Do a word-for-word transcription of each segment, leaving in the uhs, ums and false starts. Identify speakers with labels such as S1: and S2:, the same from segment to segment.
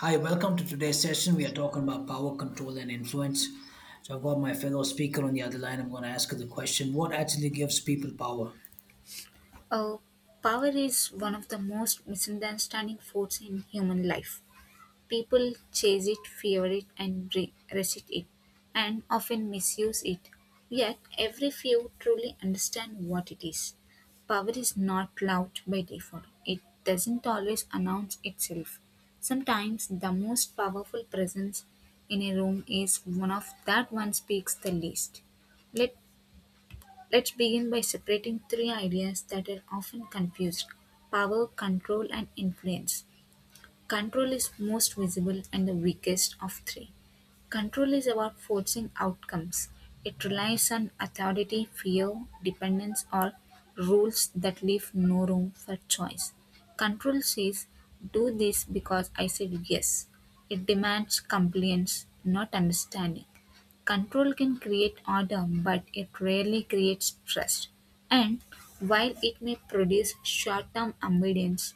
S1: Hi, welcome to today's session. We are talking about power, control, and influence. So, I've got my fellow speaker on the other line. I'm going to ask her the question: what actually gives people power?
S2: Uh, Power is one of the most misunderstanding force in human life. People chase it, fear it, and re- resist it, and often misuse it. Yet, every few truly understand what it is. Power is not loud by default, it doesn't always announce itself. Sometimes, the most powerful presence in a room is one of that one speaks the least. Let Let's begin by separating three ideas that are often confused: power, control, and influence. Control is most visible and the weakest of three. Control is about forcing outcomes. It relies on authority, fear, dependence, or rules that leave no room for choice. Control says, do this because I said yes. It demands compliance, not understanding. Control can create order, but it rarely creates trust. And while it may produce short term obedience,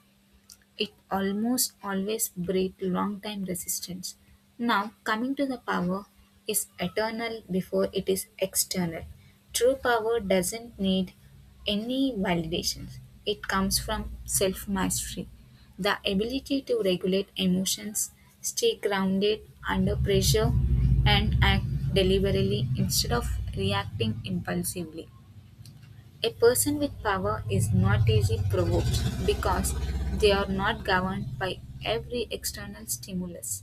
S2: it almost always breed long time resistance. Now, coming to the power is eternal before it is external. True power doesn't need any validations. It comes from self mastery. The ability to regulate emotions, stay grounded under pressure, and act deliberately instead of reacting impulsively. A person with power is not easily provoked because they are not governed by every external stimulus.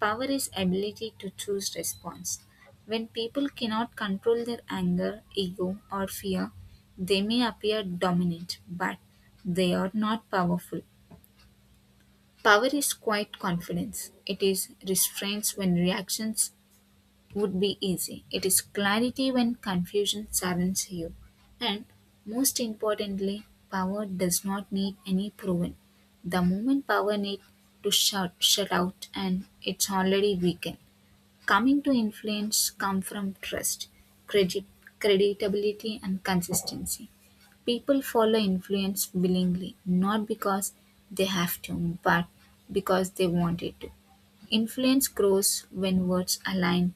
S2: Power is ability to choose response. When people cannot control their anger, ego or fear, they may appear dominant, but they are not powerful. Power is quiet confidence. It is restraints when reactions would be easy. It is clarity when confusion surrounds you. And most importantly, power does not need any proven. The moment power needs to shut, shut out and it's already weakened. Coming to influence come from trust, credit, creditability and consistency. People follow influence willingly, not because they have to, but because they wanted to. Influence grows when words align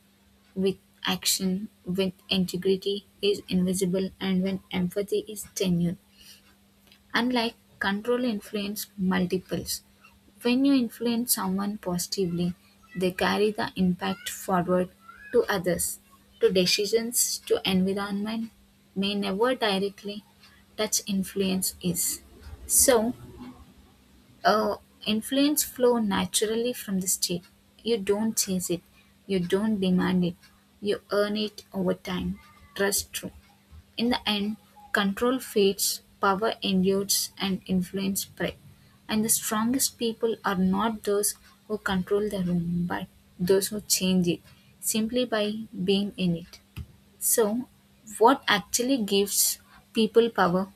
S2: with action, when integrity is invisible, and when empathy is tenured. Unlike control influence multiples, when you influence someone positively, they carry the impact forward to others. To decisions, to environment may never directly touch influence is. So, uh, influence flow naturally from the state. You don't chase it, you don't demand it, you earn it over time. Trust true. In the end, control fades, power endures and influence spread. And the strongest people are not those who control the room, but those who change it simply by being in it. So, what actually gives people power?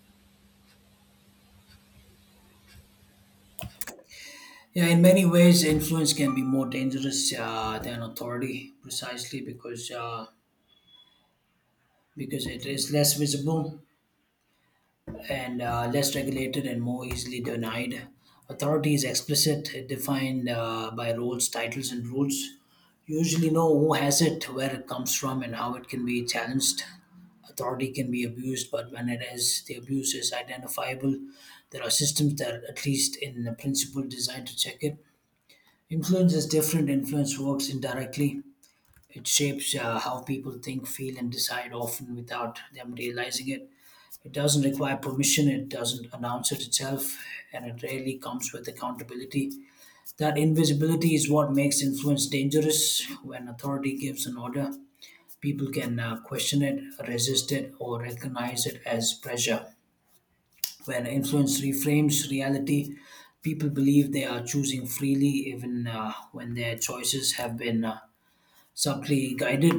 S1: Yeah, in many ways, influence can be more dangerous uh, than authority, precisely because uh, because it is less visible and uh, less regulated and more easily denied. Authority is explicit, defined uh, by roles, titles, and rules. You usually know who has it, where it comes from, and how it can be challenged. Authority can be abused, but when it is, the abuse is identifiable. There are systems that, at least in principle, designed to check it. Influence is different. Influence works indirectly. It shapes uh, how people think, feel, and decide, often without them realizing it. It doesn't require permission, it doesn't announce it itself, and it rarely comes with accountability. That invisibility is what makes influence dangerous. When authority gives an order, people can uh, question it, resist it, or recognize it as pressure. When influence reframes reality, people believe they are choosing freely even uh, when their choices have been uh, subtly guided.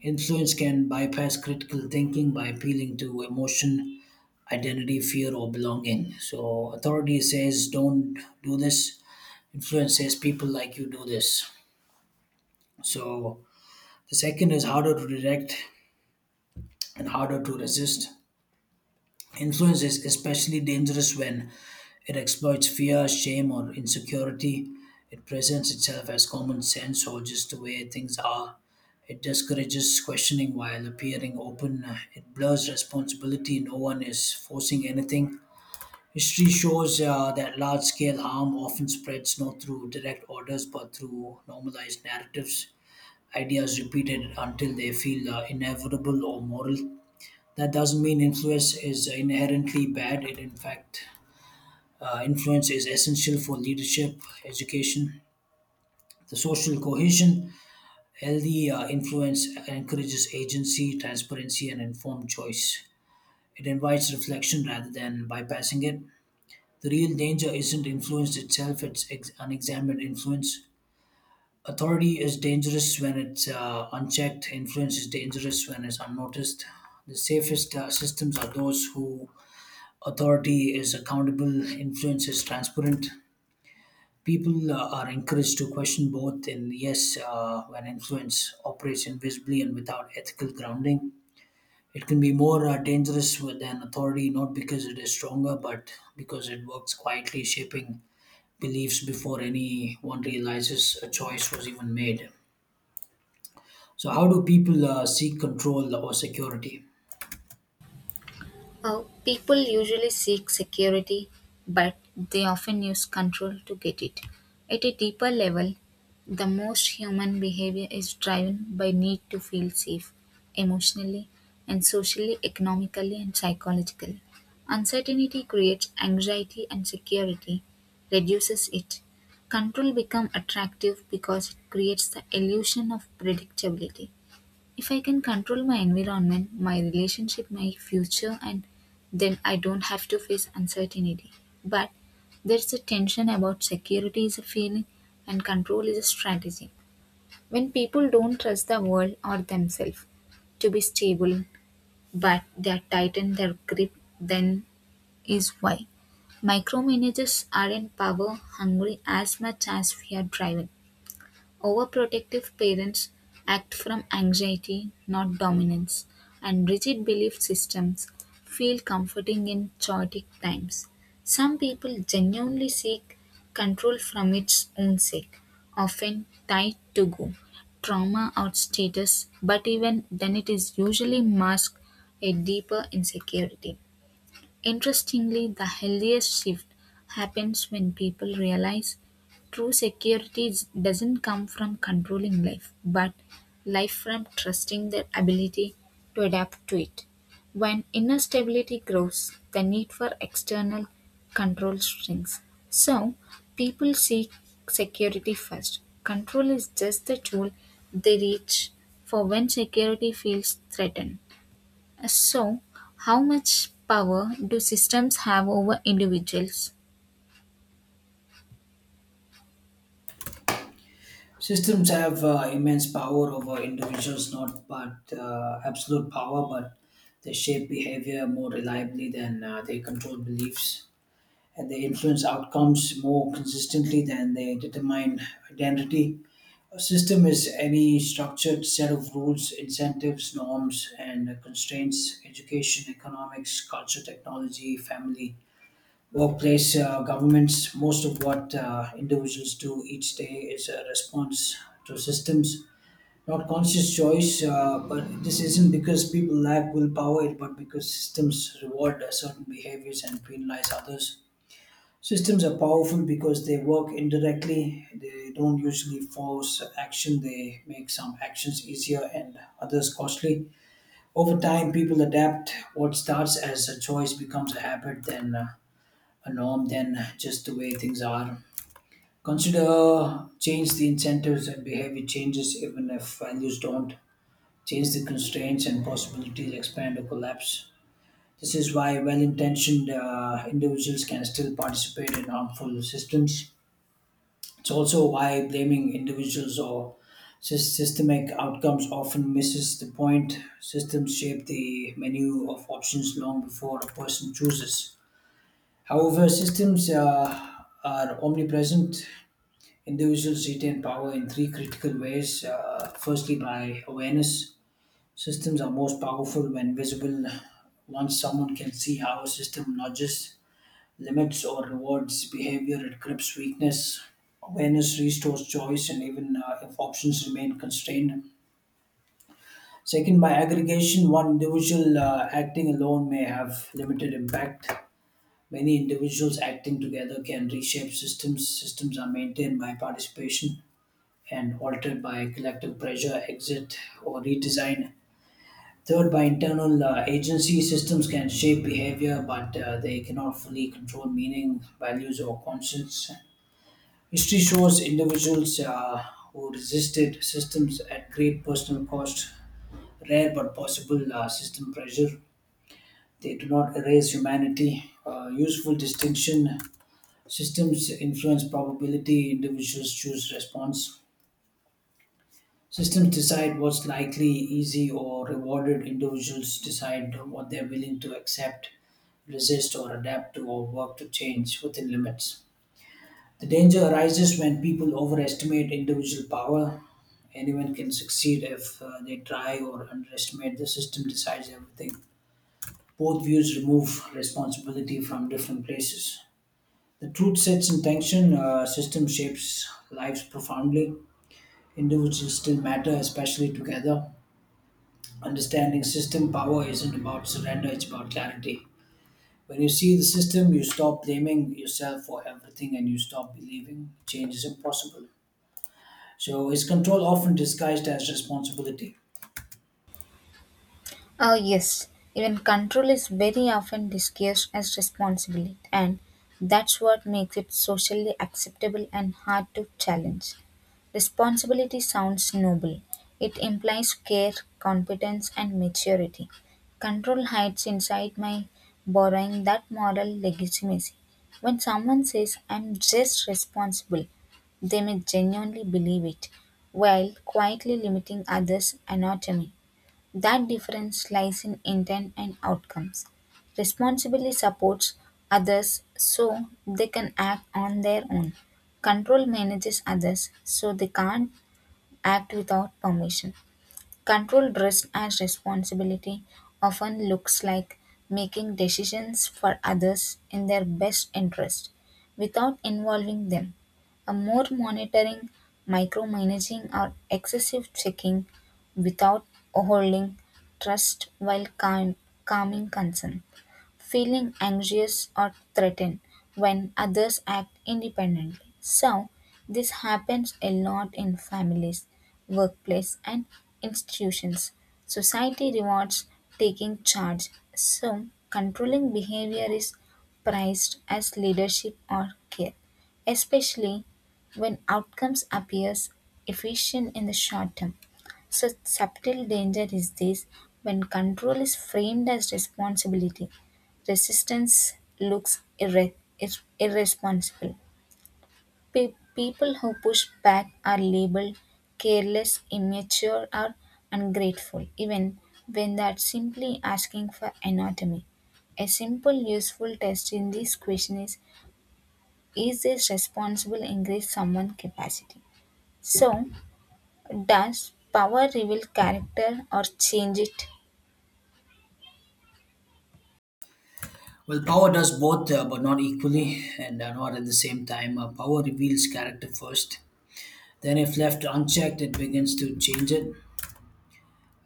S1: Influence can bypass critical thinking by appealing to emotion, identity, fear, or belonging. So, authority says, don't do this. Influence says, people like you do this. So, the second is harder to direct and harder to resist. Influence is especially dangerous when it exploits fear, shame, or insecurity. It presents itself as common sense or just the way things are. It discourages questioning while appearing open. It blurs responsibility. No one is forcing anything. History shows uh, that large scale harm often spreads not through direct orders but through normalized narratives, ideas repeated until they feel uh, inevitable or moral. That doesn't mean influence is inherently bad. It, in fact, uh, influence is essential for leadership, education, the social cohesion. Healthy uh, influence encourages agency, transparency, and informed choice. It invites reflection rather than bypassing it. The real danger isn't influence itself, it's ex- unexamined influence. Authority is dangerous when it's uh, unchecked, influence is dangerous when it's unnoticed. The safest uh, systems are those who authority is accountable, influence is transparent. People uh, are encouraged to question both, and yes, uh, when influence operates invisibly and without ethical grounding, it can be more uh, dangerous with- than authority, not because it is stronger, but because it works quietly, shaping beliefs before anyone realizes a choice was even made. So, how do people uh, seek control or security?
S2: Uh, people usually seek security, but they often use control to get it. At a deeper level, the most human behavior is driven by need to feel safe emotionally and socially, economically and psychologically. Uncertainty creates anxiety and security reduces it. Control becomes attractive because it creates the illusion of predictability. If I can control my environment, my relationship, my future, and then I don't have to face uncertainty. But there's a tension about security is a feeling and control is a strategy. When people don't trust the world or themselves to be stable, but they tighten their grip, then is why micromanagers aren't power hungry as much as we are driven. Overprotective parents act from anxiety, not dominance, and rigid belief systems feel comforting in chaotic times. Some people genuinely seek control from its own sake, often tied to go, trauma or status, but even then it is usually masked a deeper insecurity. Interestingly, the healthiest shift happens when people realize true security is- doesn't come from controlling life, but life from trusting their ability to adapt to it. When inner stability grows, the need for external control shrinks. So, people seek security first. Control is just the tool they reach for when security feels threatened. So, how much power do systems have over individuals?
S1: Systems have uh, immense power over individuals, not but uh, absolute power, but they shape behavior more reliably than uh, they control beliefs, and they influence outcomes more consistently than they determine identity. A system is any structured set of rules, incentives, norms, and constraints, education, economics, culture, technology, family, workplace uh, governments. Most of what uh, individuals do each day is a response to systems not conscious choice, uh, but this isn't because people lack willpower but because systems reward uh, certain behaviors and penalize others. Systems are powerful because they work indirectly. They don't usually force action, they make some actions easier and others costly. Over time people adapt. What starts as a choice becomes a habit, then uh, a norm, than just the way things are. Consider change the incentives and behavior changes even if values don't. Change the constraints and possibilities expand or collapse. This is why well intentioned uh, individuals can still participate in harmful systems. It's also why blaming individuals or sys- systemic outcomes often misses the point. Systems shape the menu of options long before a person chooses. However, systems uh, are omnipresent. Individuals retain power in three critical ways. Uh, firstly, by awareness. Systems are most powerful when visible. Once someone can see how a system nudges, limits, or rewards behavior, it grips weakness. Awareness restores choice, and even uh, if options remain constrained. Second, by aggregation, one individual uh, acting alone may have limited impact. Many individuals acting together can reshape systems. Systems are maintained by participation and altered by collective pressure, exit, or redesign. Third, by internal uh, agency, systems can shape behavior, but uh, they cannot fully control meaning, values, or conscience. History shows individuals uh, who resisted systems at great personal cost, rare but possible uh, system pressure. They do not erase humanity. Uh, useful distinction: systems influence probability, individuals choose response. Systems decide what's likely, easy, or rewarded. Individuals decide what they're willing to accept, resist, or adapt to, or work to change within limits. The danger arises when people overestimate individual power. Anyone can succeed if uh, they try or underestimate the system decides everything. Both views remove responsibility from different places. The truth sets in tension, uh, system shapes lives profoundly. Individuals still matter, especially together. Understanding system power isn't about surrender, it's about clarity. When you see the system, you stop blaming yourself for everything and you stop believing change is impossible. So, is control often disguised as responsibility?
S2: Oh, yes, even control is very often disguised as responsibility, and that's what makes it socially acceptable and hard to challenge. Responsibility sounds noble. It implies care, competence, and maturity. Control hides inside my borrowing that moral legitimacy. When someone says, I'm just responsible, they may genuinely believe it, while quietly limiting others' anatomy. That difference lies in intent and outcomes. Responsibility supports others so they can act on their own. Control manages others so they can't act without permission. Controlled risk and responsibility often looks like making decisions for others in their best interest without involving them. A more monitoring, micromanaging, or excessive checking without holding trust while calm, calming concern feeling anxious or threatened when others act independently. So, this happens a lot in families, workplace, and institutions. Society rewards taking charge, so controlling behavior is prized as leadership or care, especially when outcomes appears efficient in the short term. So, subtle danger is this when control is framed as responsibility resistance looks irre- ir- irresponsible. Pe- people who push back are labeled careless, immature, or ungrateful, even when they are simply asking for anatomy. A simple useful test in this question is: is this responsible increase someone's capacity? So, does power reveal character or change it?
S1: Well, power does both, uh, but not equally and uh, not at the same time. Uh, power reveals character first. Then, if left unchecked, it begins to change it.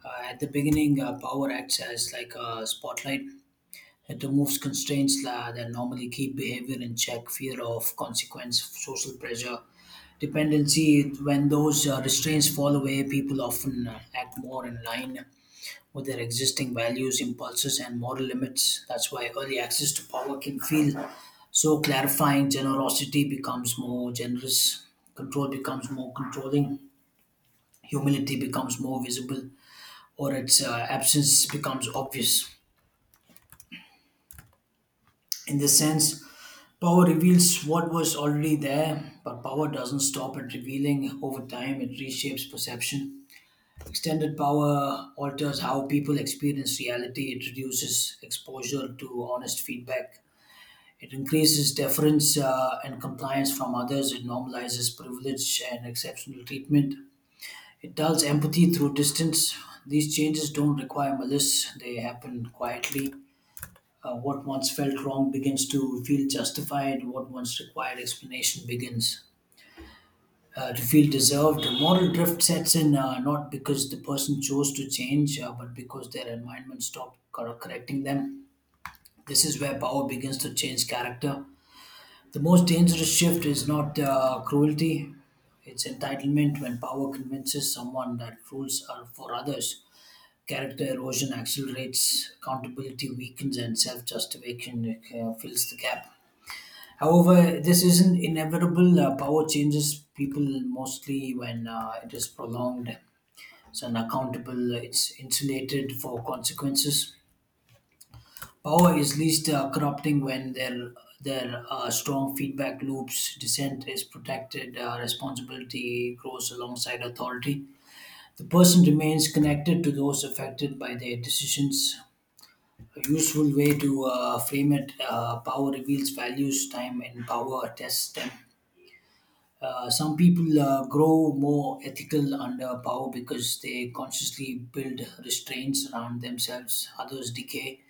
S1: Uh, at the beginning, uh, power acts as like a spotlight. It removes constraints la that normally keep behavior in check, fear of consequence, social pressure, dependency. When those uh, restraints fall away, people often uh, act more in line with their existing values, impulses, and moral limits. That's why early access to power can feel so clarifying. Generosity becomes more generous, control becomes more controlling, humility becomes more visible or its uh, absence becomes obvious. In this sense, power reveals what was already there, but power doesn't stop at revealing. Over time, it reshapes perception. Extended power alters how people experience reality, it reduces exposure to honest feedback. It increases deference uh, and compliance from others. It normalizes privilege and exceptional treatment. It dulls empathy through distance. These changes don't require malice, they happen quietly. Uh, what once felt wrong begins to feel justified. What once required explanation begins uh, to feel deserved. Moral drift sets in, uh, not because the person chose to change, uh, but because their environment stopped cor- correcting them. This is where power begins to change character. The most dangerous shift is not uh, cruelty, it's entitlement when power convinces someone that rules are for others. Character erosion accelerates, accountability weakens, and self justification uh, fills the gap. However, this isn't inevitable. Uh, power changes people mostly when uh, it is prolonged. It's unaccountable. It's insulated for consequences. Power is least uh, corrupting when there there are strong feedback loops. Dissent is protected. Uh, responsibility grows alongside authority. The person remains connected to those affected by their decisions. A useful way to uh, frame it: uh, power reveals values. Time in power tests them. Uh, some people uh, grow more ethical under power because they consciously build restraints around themselves. Others decay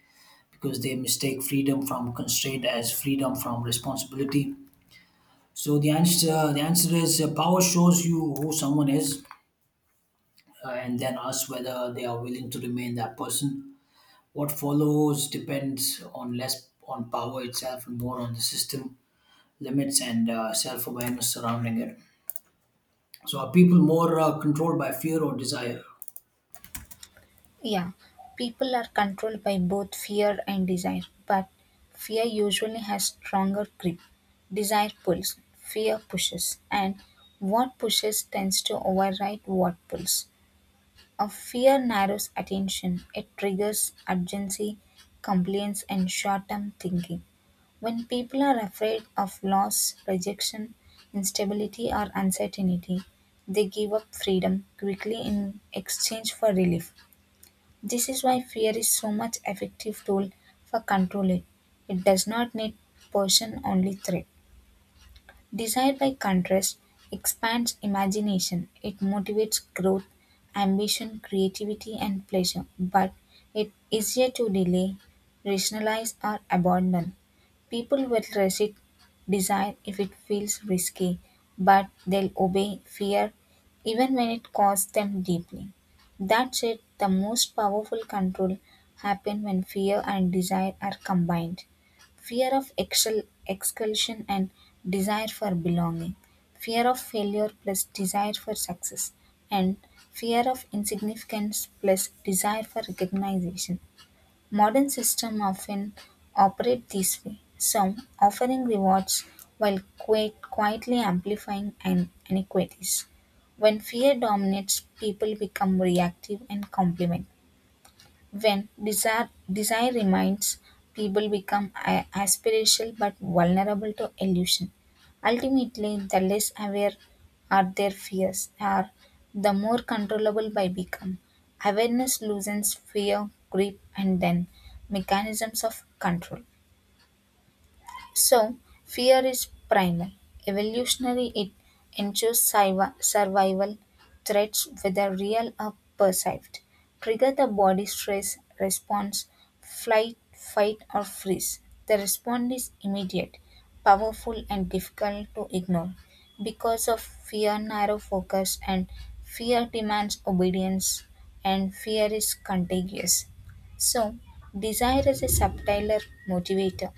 S1: because they mistake freedom from constraint as freedom from responsibility. So the answer the answer is, uh, power shows you who someone is, uh, and then asks whether they are willing to remain that person. What follows depends on less on power itself and more on the system limits and uh, self awareness surrounding it. So are people more uh, controlled by fear or desire?
S2: Yeah, people are controlled by both fear and desire, but fear usually has stronger grip. Desire pulls, fear pushes, and what pushes tends to override what pulls. A fear narrows attention, it triggers urgency, compliance, and short term thinking. When people are afraid of loss, rejection, instability, or uncertainty, they give up freedom quickly in exchange for relief. This is why fear is so much effective tool for controlling. It does not need person only threat. Desire, by contrast, expands imagination. It motivates growth, ambition, creativity, and pleasure, but it is easier to delay, rationalize, or abandon. People will resist desire if it feels risky, but they'll obey fear even when it costs them deeply. That said, the most powerful control happen when fear and desire are combined: fear of excel- expulsion and desire for belonging, fear of failure plus desire for success, and fear of insignificance plus desire for recognition. Modern systems often operate this way, some offering rewards while qui- quietly amplifying an- inequities. When fear dominates, people become reactive and complement. When desire, desire remains, people become a- aspirational but vulnerable to illusion. Ultimately, the less aware are their fears are, the more controllable they become. Awareness loosens fear, grip, and then mechanisms of control. So, fear is primal. Evolutionary, it ensures siva- survival. Threats, whether real or perceived, trigger the body stress response flight, fight, or freeze. The response is immediate, powerful, and difficult to ignore. Because of fear, narrow focus, and fear demands obedience, and fear is contagious. So, desire is a subtler motivator.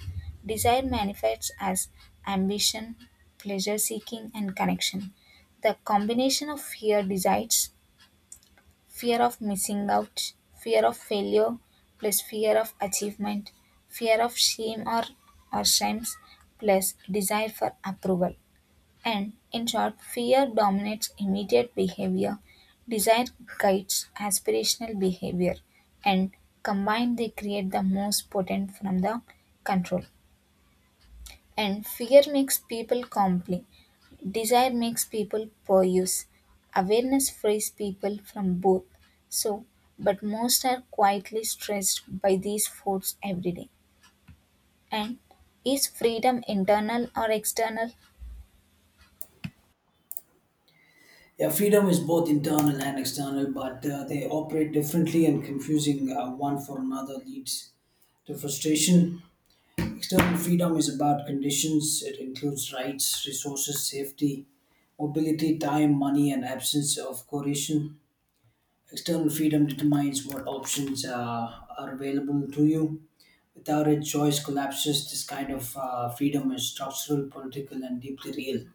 S2: Desire manifests as ambition, pleasure seeking, and connection. The combination of fear desires, fear of missing out, fear of failure, plus fear of achievement, fear of shame or, or shames, plus desire for approval. And in short, fear dominates immediate behavior, desire guides aspirational behavior, and combined they create the most potent from the control. And fear makes people comply. Desire makes people puruse. Awareness frees people from both. So, but most are quietly stressed by these forces every day. And is freedom internal or external?
S1: Yeah, freedom is both internal and external, but uh, they operate differently, and confusing uh, one for another leads to frustration. External freedom is about conditions, it includes rights, resources, safety, mobility, time, money, and absence of coercion. External freedom determines what options uh, are available to you. Without it, choice collapses. This kind of uh, freedom is structural, political, and deeply real.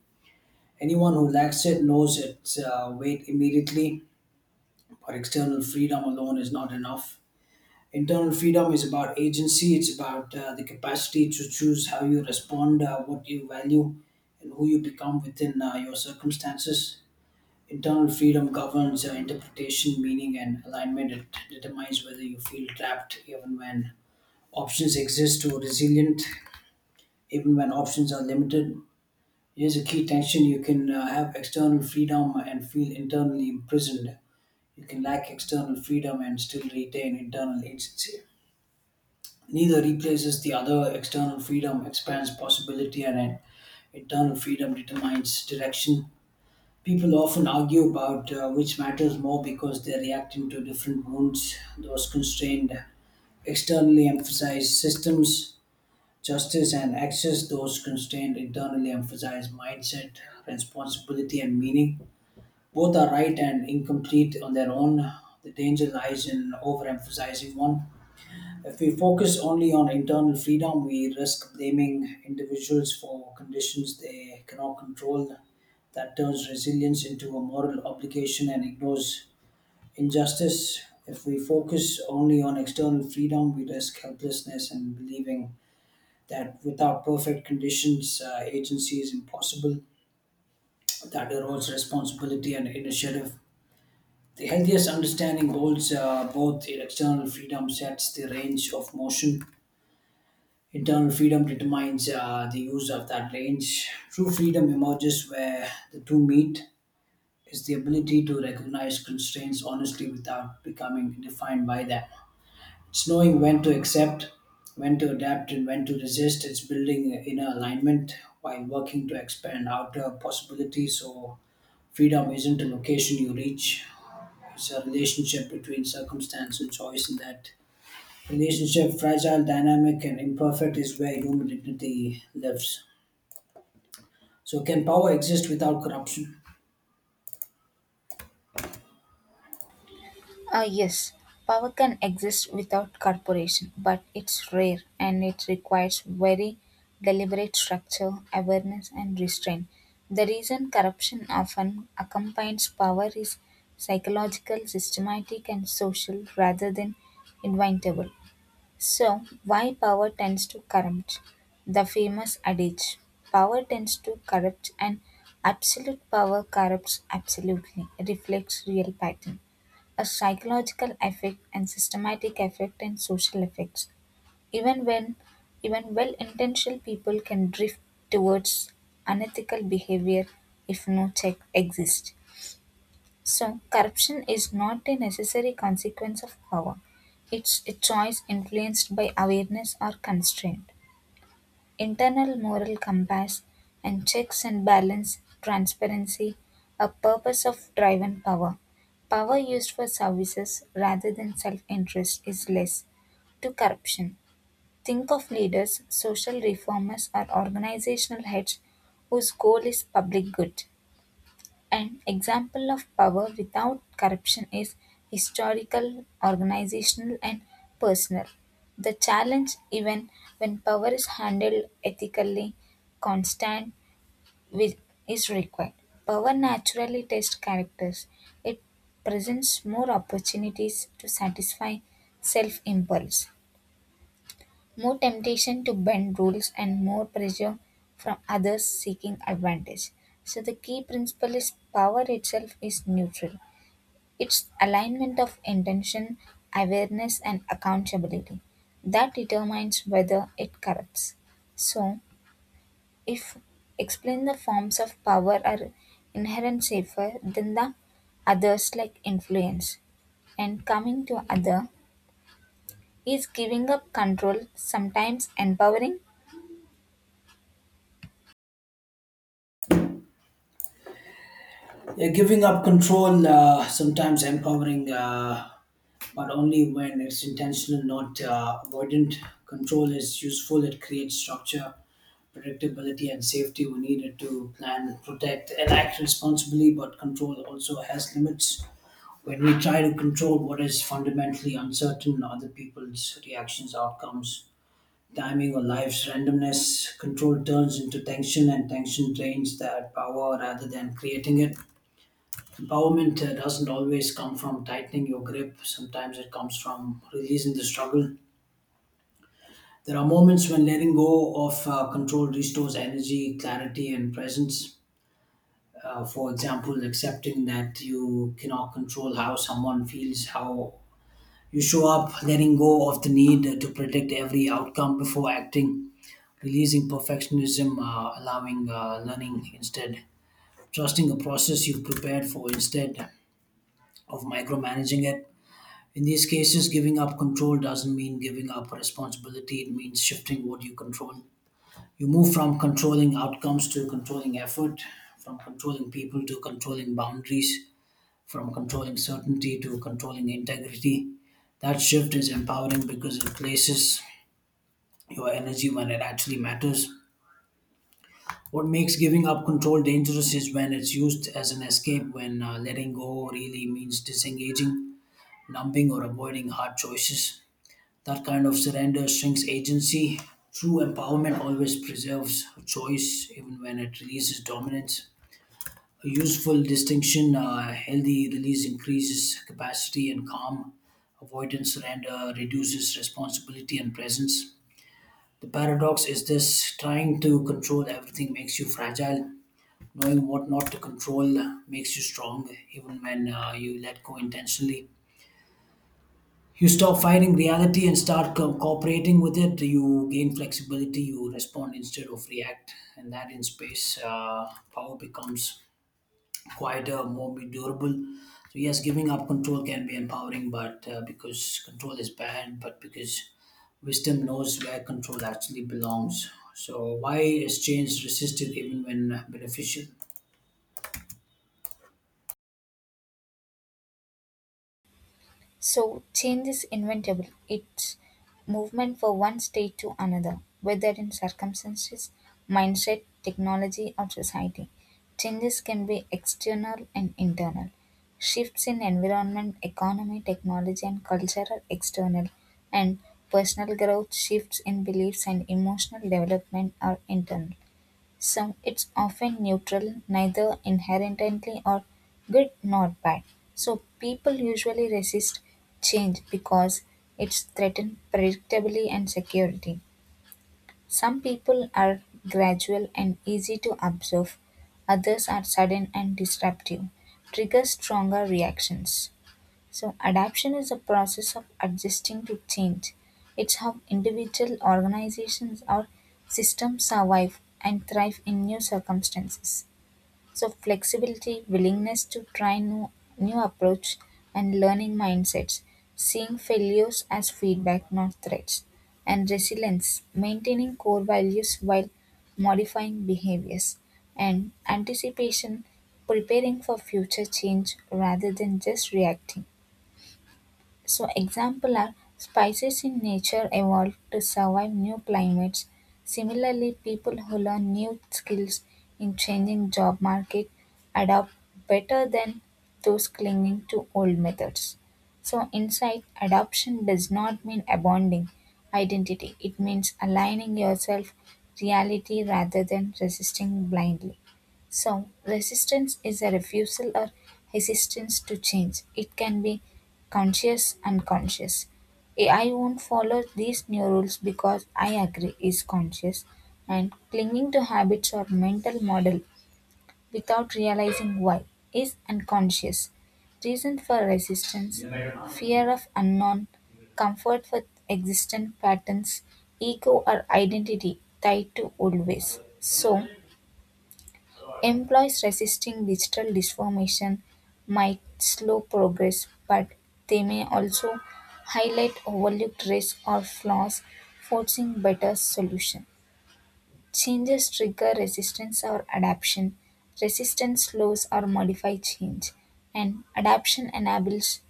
S1: Anyone who lacks it knows its uh, weight immediately, but external freedom alone is not enough. Internal freedom is about agency, it's about uh, the capacity to choose how you respond, uh, what you value, and who you become within uh, your circumstances. Internal freedom governs uh, interpretation, meaning, and alignment. It determines whether you feel trapped even when options exist or resilient even when options are limited. Here's a key tension: you can uh, have external freedom and feel internally imprisoned. You can lack external freedom and still retain internal agency. Neither replaces the other. External freedom expands possibility, and an internal freedom determines direction. People often argue about uh, which matters more because they're reacting to different wounds. Those constrained externally emphasize systems, justice, and access. Those constrained internally emphasize mindset, responsibility, and meaning. Both are right and incomplete on their own. The danger lies in overemphasizing one. If we focus only on internal freedom, we risk blaming individuals for conditions they cannot control. That turns resilience into a moral obligation and ignores injustice. If we focus only on external freedom, we risk helplessness and believing that without perfect conditions, uh, agency is impossible. That erodes responsibility and initiative. The healthiest understanding holds uh, both external freedom sets the range of motion, internal freedom determines uh, the use of that range. True freedom emerges where the two meet, is the ability to recognize constraints honestly without becoming defined by them. It's knowing when to accept, when to adapt, and when to resist. It's building inner alignment while working to expand outer possibilities. So, freedom isn't a location you reach, it's a relationship between circumstance and choice, and that relationship, fragile, dynamic, and imperfect, is where human dignity lives. So, can power exist without corruption?
S2: Ah, yes, power can exist without corporation, but it's rare and it requires very deliberate structure, awareness, and restraint. The reason corruption often accompanies power is psychological, systematic, and social rather than inventable. So, why power tends to corrupt? The famous adage power tends to corrupt, and absolute power corrupts absolutely reflects real pattern. A psychological effect and systematic effect and social effects. Even when Even well intentioned people can drift towards unethical behavior if no check exists. So, corruption is not a necessary consequence of power. It's a choice influenced by awareness or constraint. Internal moral compass and checks and balance, transparency, a purpose of driven power. Power used for services rather than self interest is less. To corruption, think of leaders, social reformers, or organizational heads whose goal is public good. An example of power without corruption is historical, organizational, and personal. The challenge, even when power is handled ethically, constant with, is required. Power naturally tests characters. It presents more opportunities to satisfy self impulse. More temptation to bend rules and more pressure from others seeking advantage. So, the key principle is power itself is neutral, it's alignment of intention, awareness, and accountability that determines whether it corrupts. So, if explain the forms of power are inherent safer than the others like influence and coming to other is giving up control sometimes empowering.
S1: Yeah, giving up control, uh, sometimes empowering, uh, but only when it's intentional, not uh, avoidant. Control is useful, it creates structure, predictability, and safety. We need it to plan, protect, and act responsibly, but control also has limits. When we try to control what is fundamentally uncertain, other people's reactions, outcomes, timing, or life's randomness, control turns into tension, and tension drains that power rather than creating it. Empowerment uh, doesn't always come from tightening your grip, sometimes it comes from releasing the struggle. There are moments when letting go of uh, control restores energy, clarity, and presence. Uh, for example, accepting that you cannot control how someone feels, how you show up, letting go of the need to predict every outcome before acting, releasing perfectionism, uh, allowing uh, learning instead, trusting a process you've prepared for instead of micromanaging it. In these cases, giving up control doesn't mean giving up responsibility, it means shifting what you control. You move from controlling outcomes to controlling effort, from controlling people to controlling boundaries, from controlling certainty to controlling integrity. That shift is empowering because it places your energy when it actually matters. What makes giving up control dangerous is when it's used as an escape, when uh, letting go really means disengaging, numbing, or avoiding hard choices. That kind of surrender shrinks agency. True empowerment always preserves choice, even when it releases dominance. A useful distinction. Uh, healthy release increases capacity and calm. Avoidance surrender reduces responsibility and presence. The paradox is this: trying to control everything makes you fragile. Knowing what not to control makes you strong. Even when uh, you let go intentionally, you stop fighting reality and start co- cooperating with it. You gain flexibility, you respond instead of react, and that in space, uh, power becomes quieter, more be durable. So yes, giving up control can be empowering, but uh, because control is bad, but because wisdom knows where control actually belongs. So why is change resisted even when beneficial?
S2: So change is inventable. It's movement from one state to another, whether in circumstances, mindset, technology, or society. Changes can be external and internal. Shifts in environment, economy, technology, and culture are external, and personal growth, shifts in beliefs, and emotional development are internal. Some it's often neutral, neither inherently or good nor bad. So people usually resist change because it's threatened predictability and security. Some people are gradual and easy to observe, others are sudden and disruptive, trigger stronger reactions. So, adaptation is a process of adjusting to change. It's how individual organizations or systems survive and thrive in new circumstances. So, flexibility, willingness to try new, new approach, and learning mindsets, seeing failures as feedback, not threats, and resilience, maintaining core values while modifying behaviors, and anticipation, preparing for future change rather than just reacting. So example are spices in nature evolved to survive new climates. Similarly, people who learn new skills in changing job market adapt better than those clinging to old methods. So insight adoption does not mean abandoning identity. It means aligning yourself reality rather than resisting blindly. So, resistance is a refusal or resistance to change. It can be conscious and conscious. I won't follow these new rules because I agree is conscious and clinging to habits or mental model without realizing why is unconscious. Reason for resistance, fear of unknown, comfort with existent patterns, ego or identity tied to old ways. So employees resisting digital transformation might slow progress, but they may also highlight overlooked risks or flaws, forcing better solutions. Changes trigger resistance or adaptation. Resistance slows or modifies change, and adaptation enables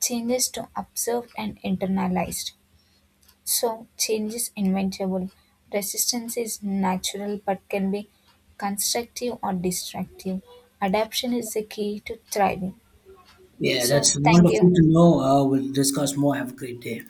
S2: changes to observe and internalize. So, change is inevitable. Resistance is natural but can be constructive or destructive. Adaptation is the key to thriving.
S1: Yeah,
S2: So,
S1: that's
S2: thank
S1: wonderful
S2: you.
S1: to know. Uh, we'll discuss more. Have a great day.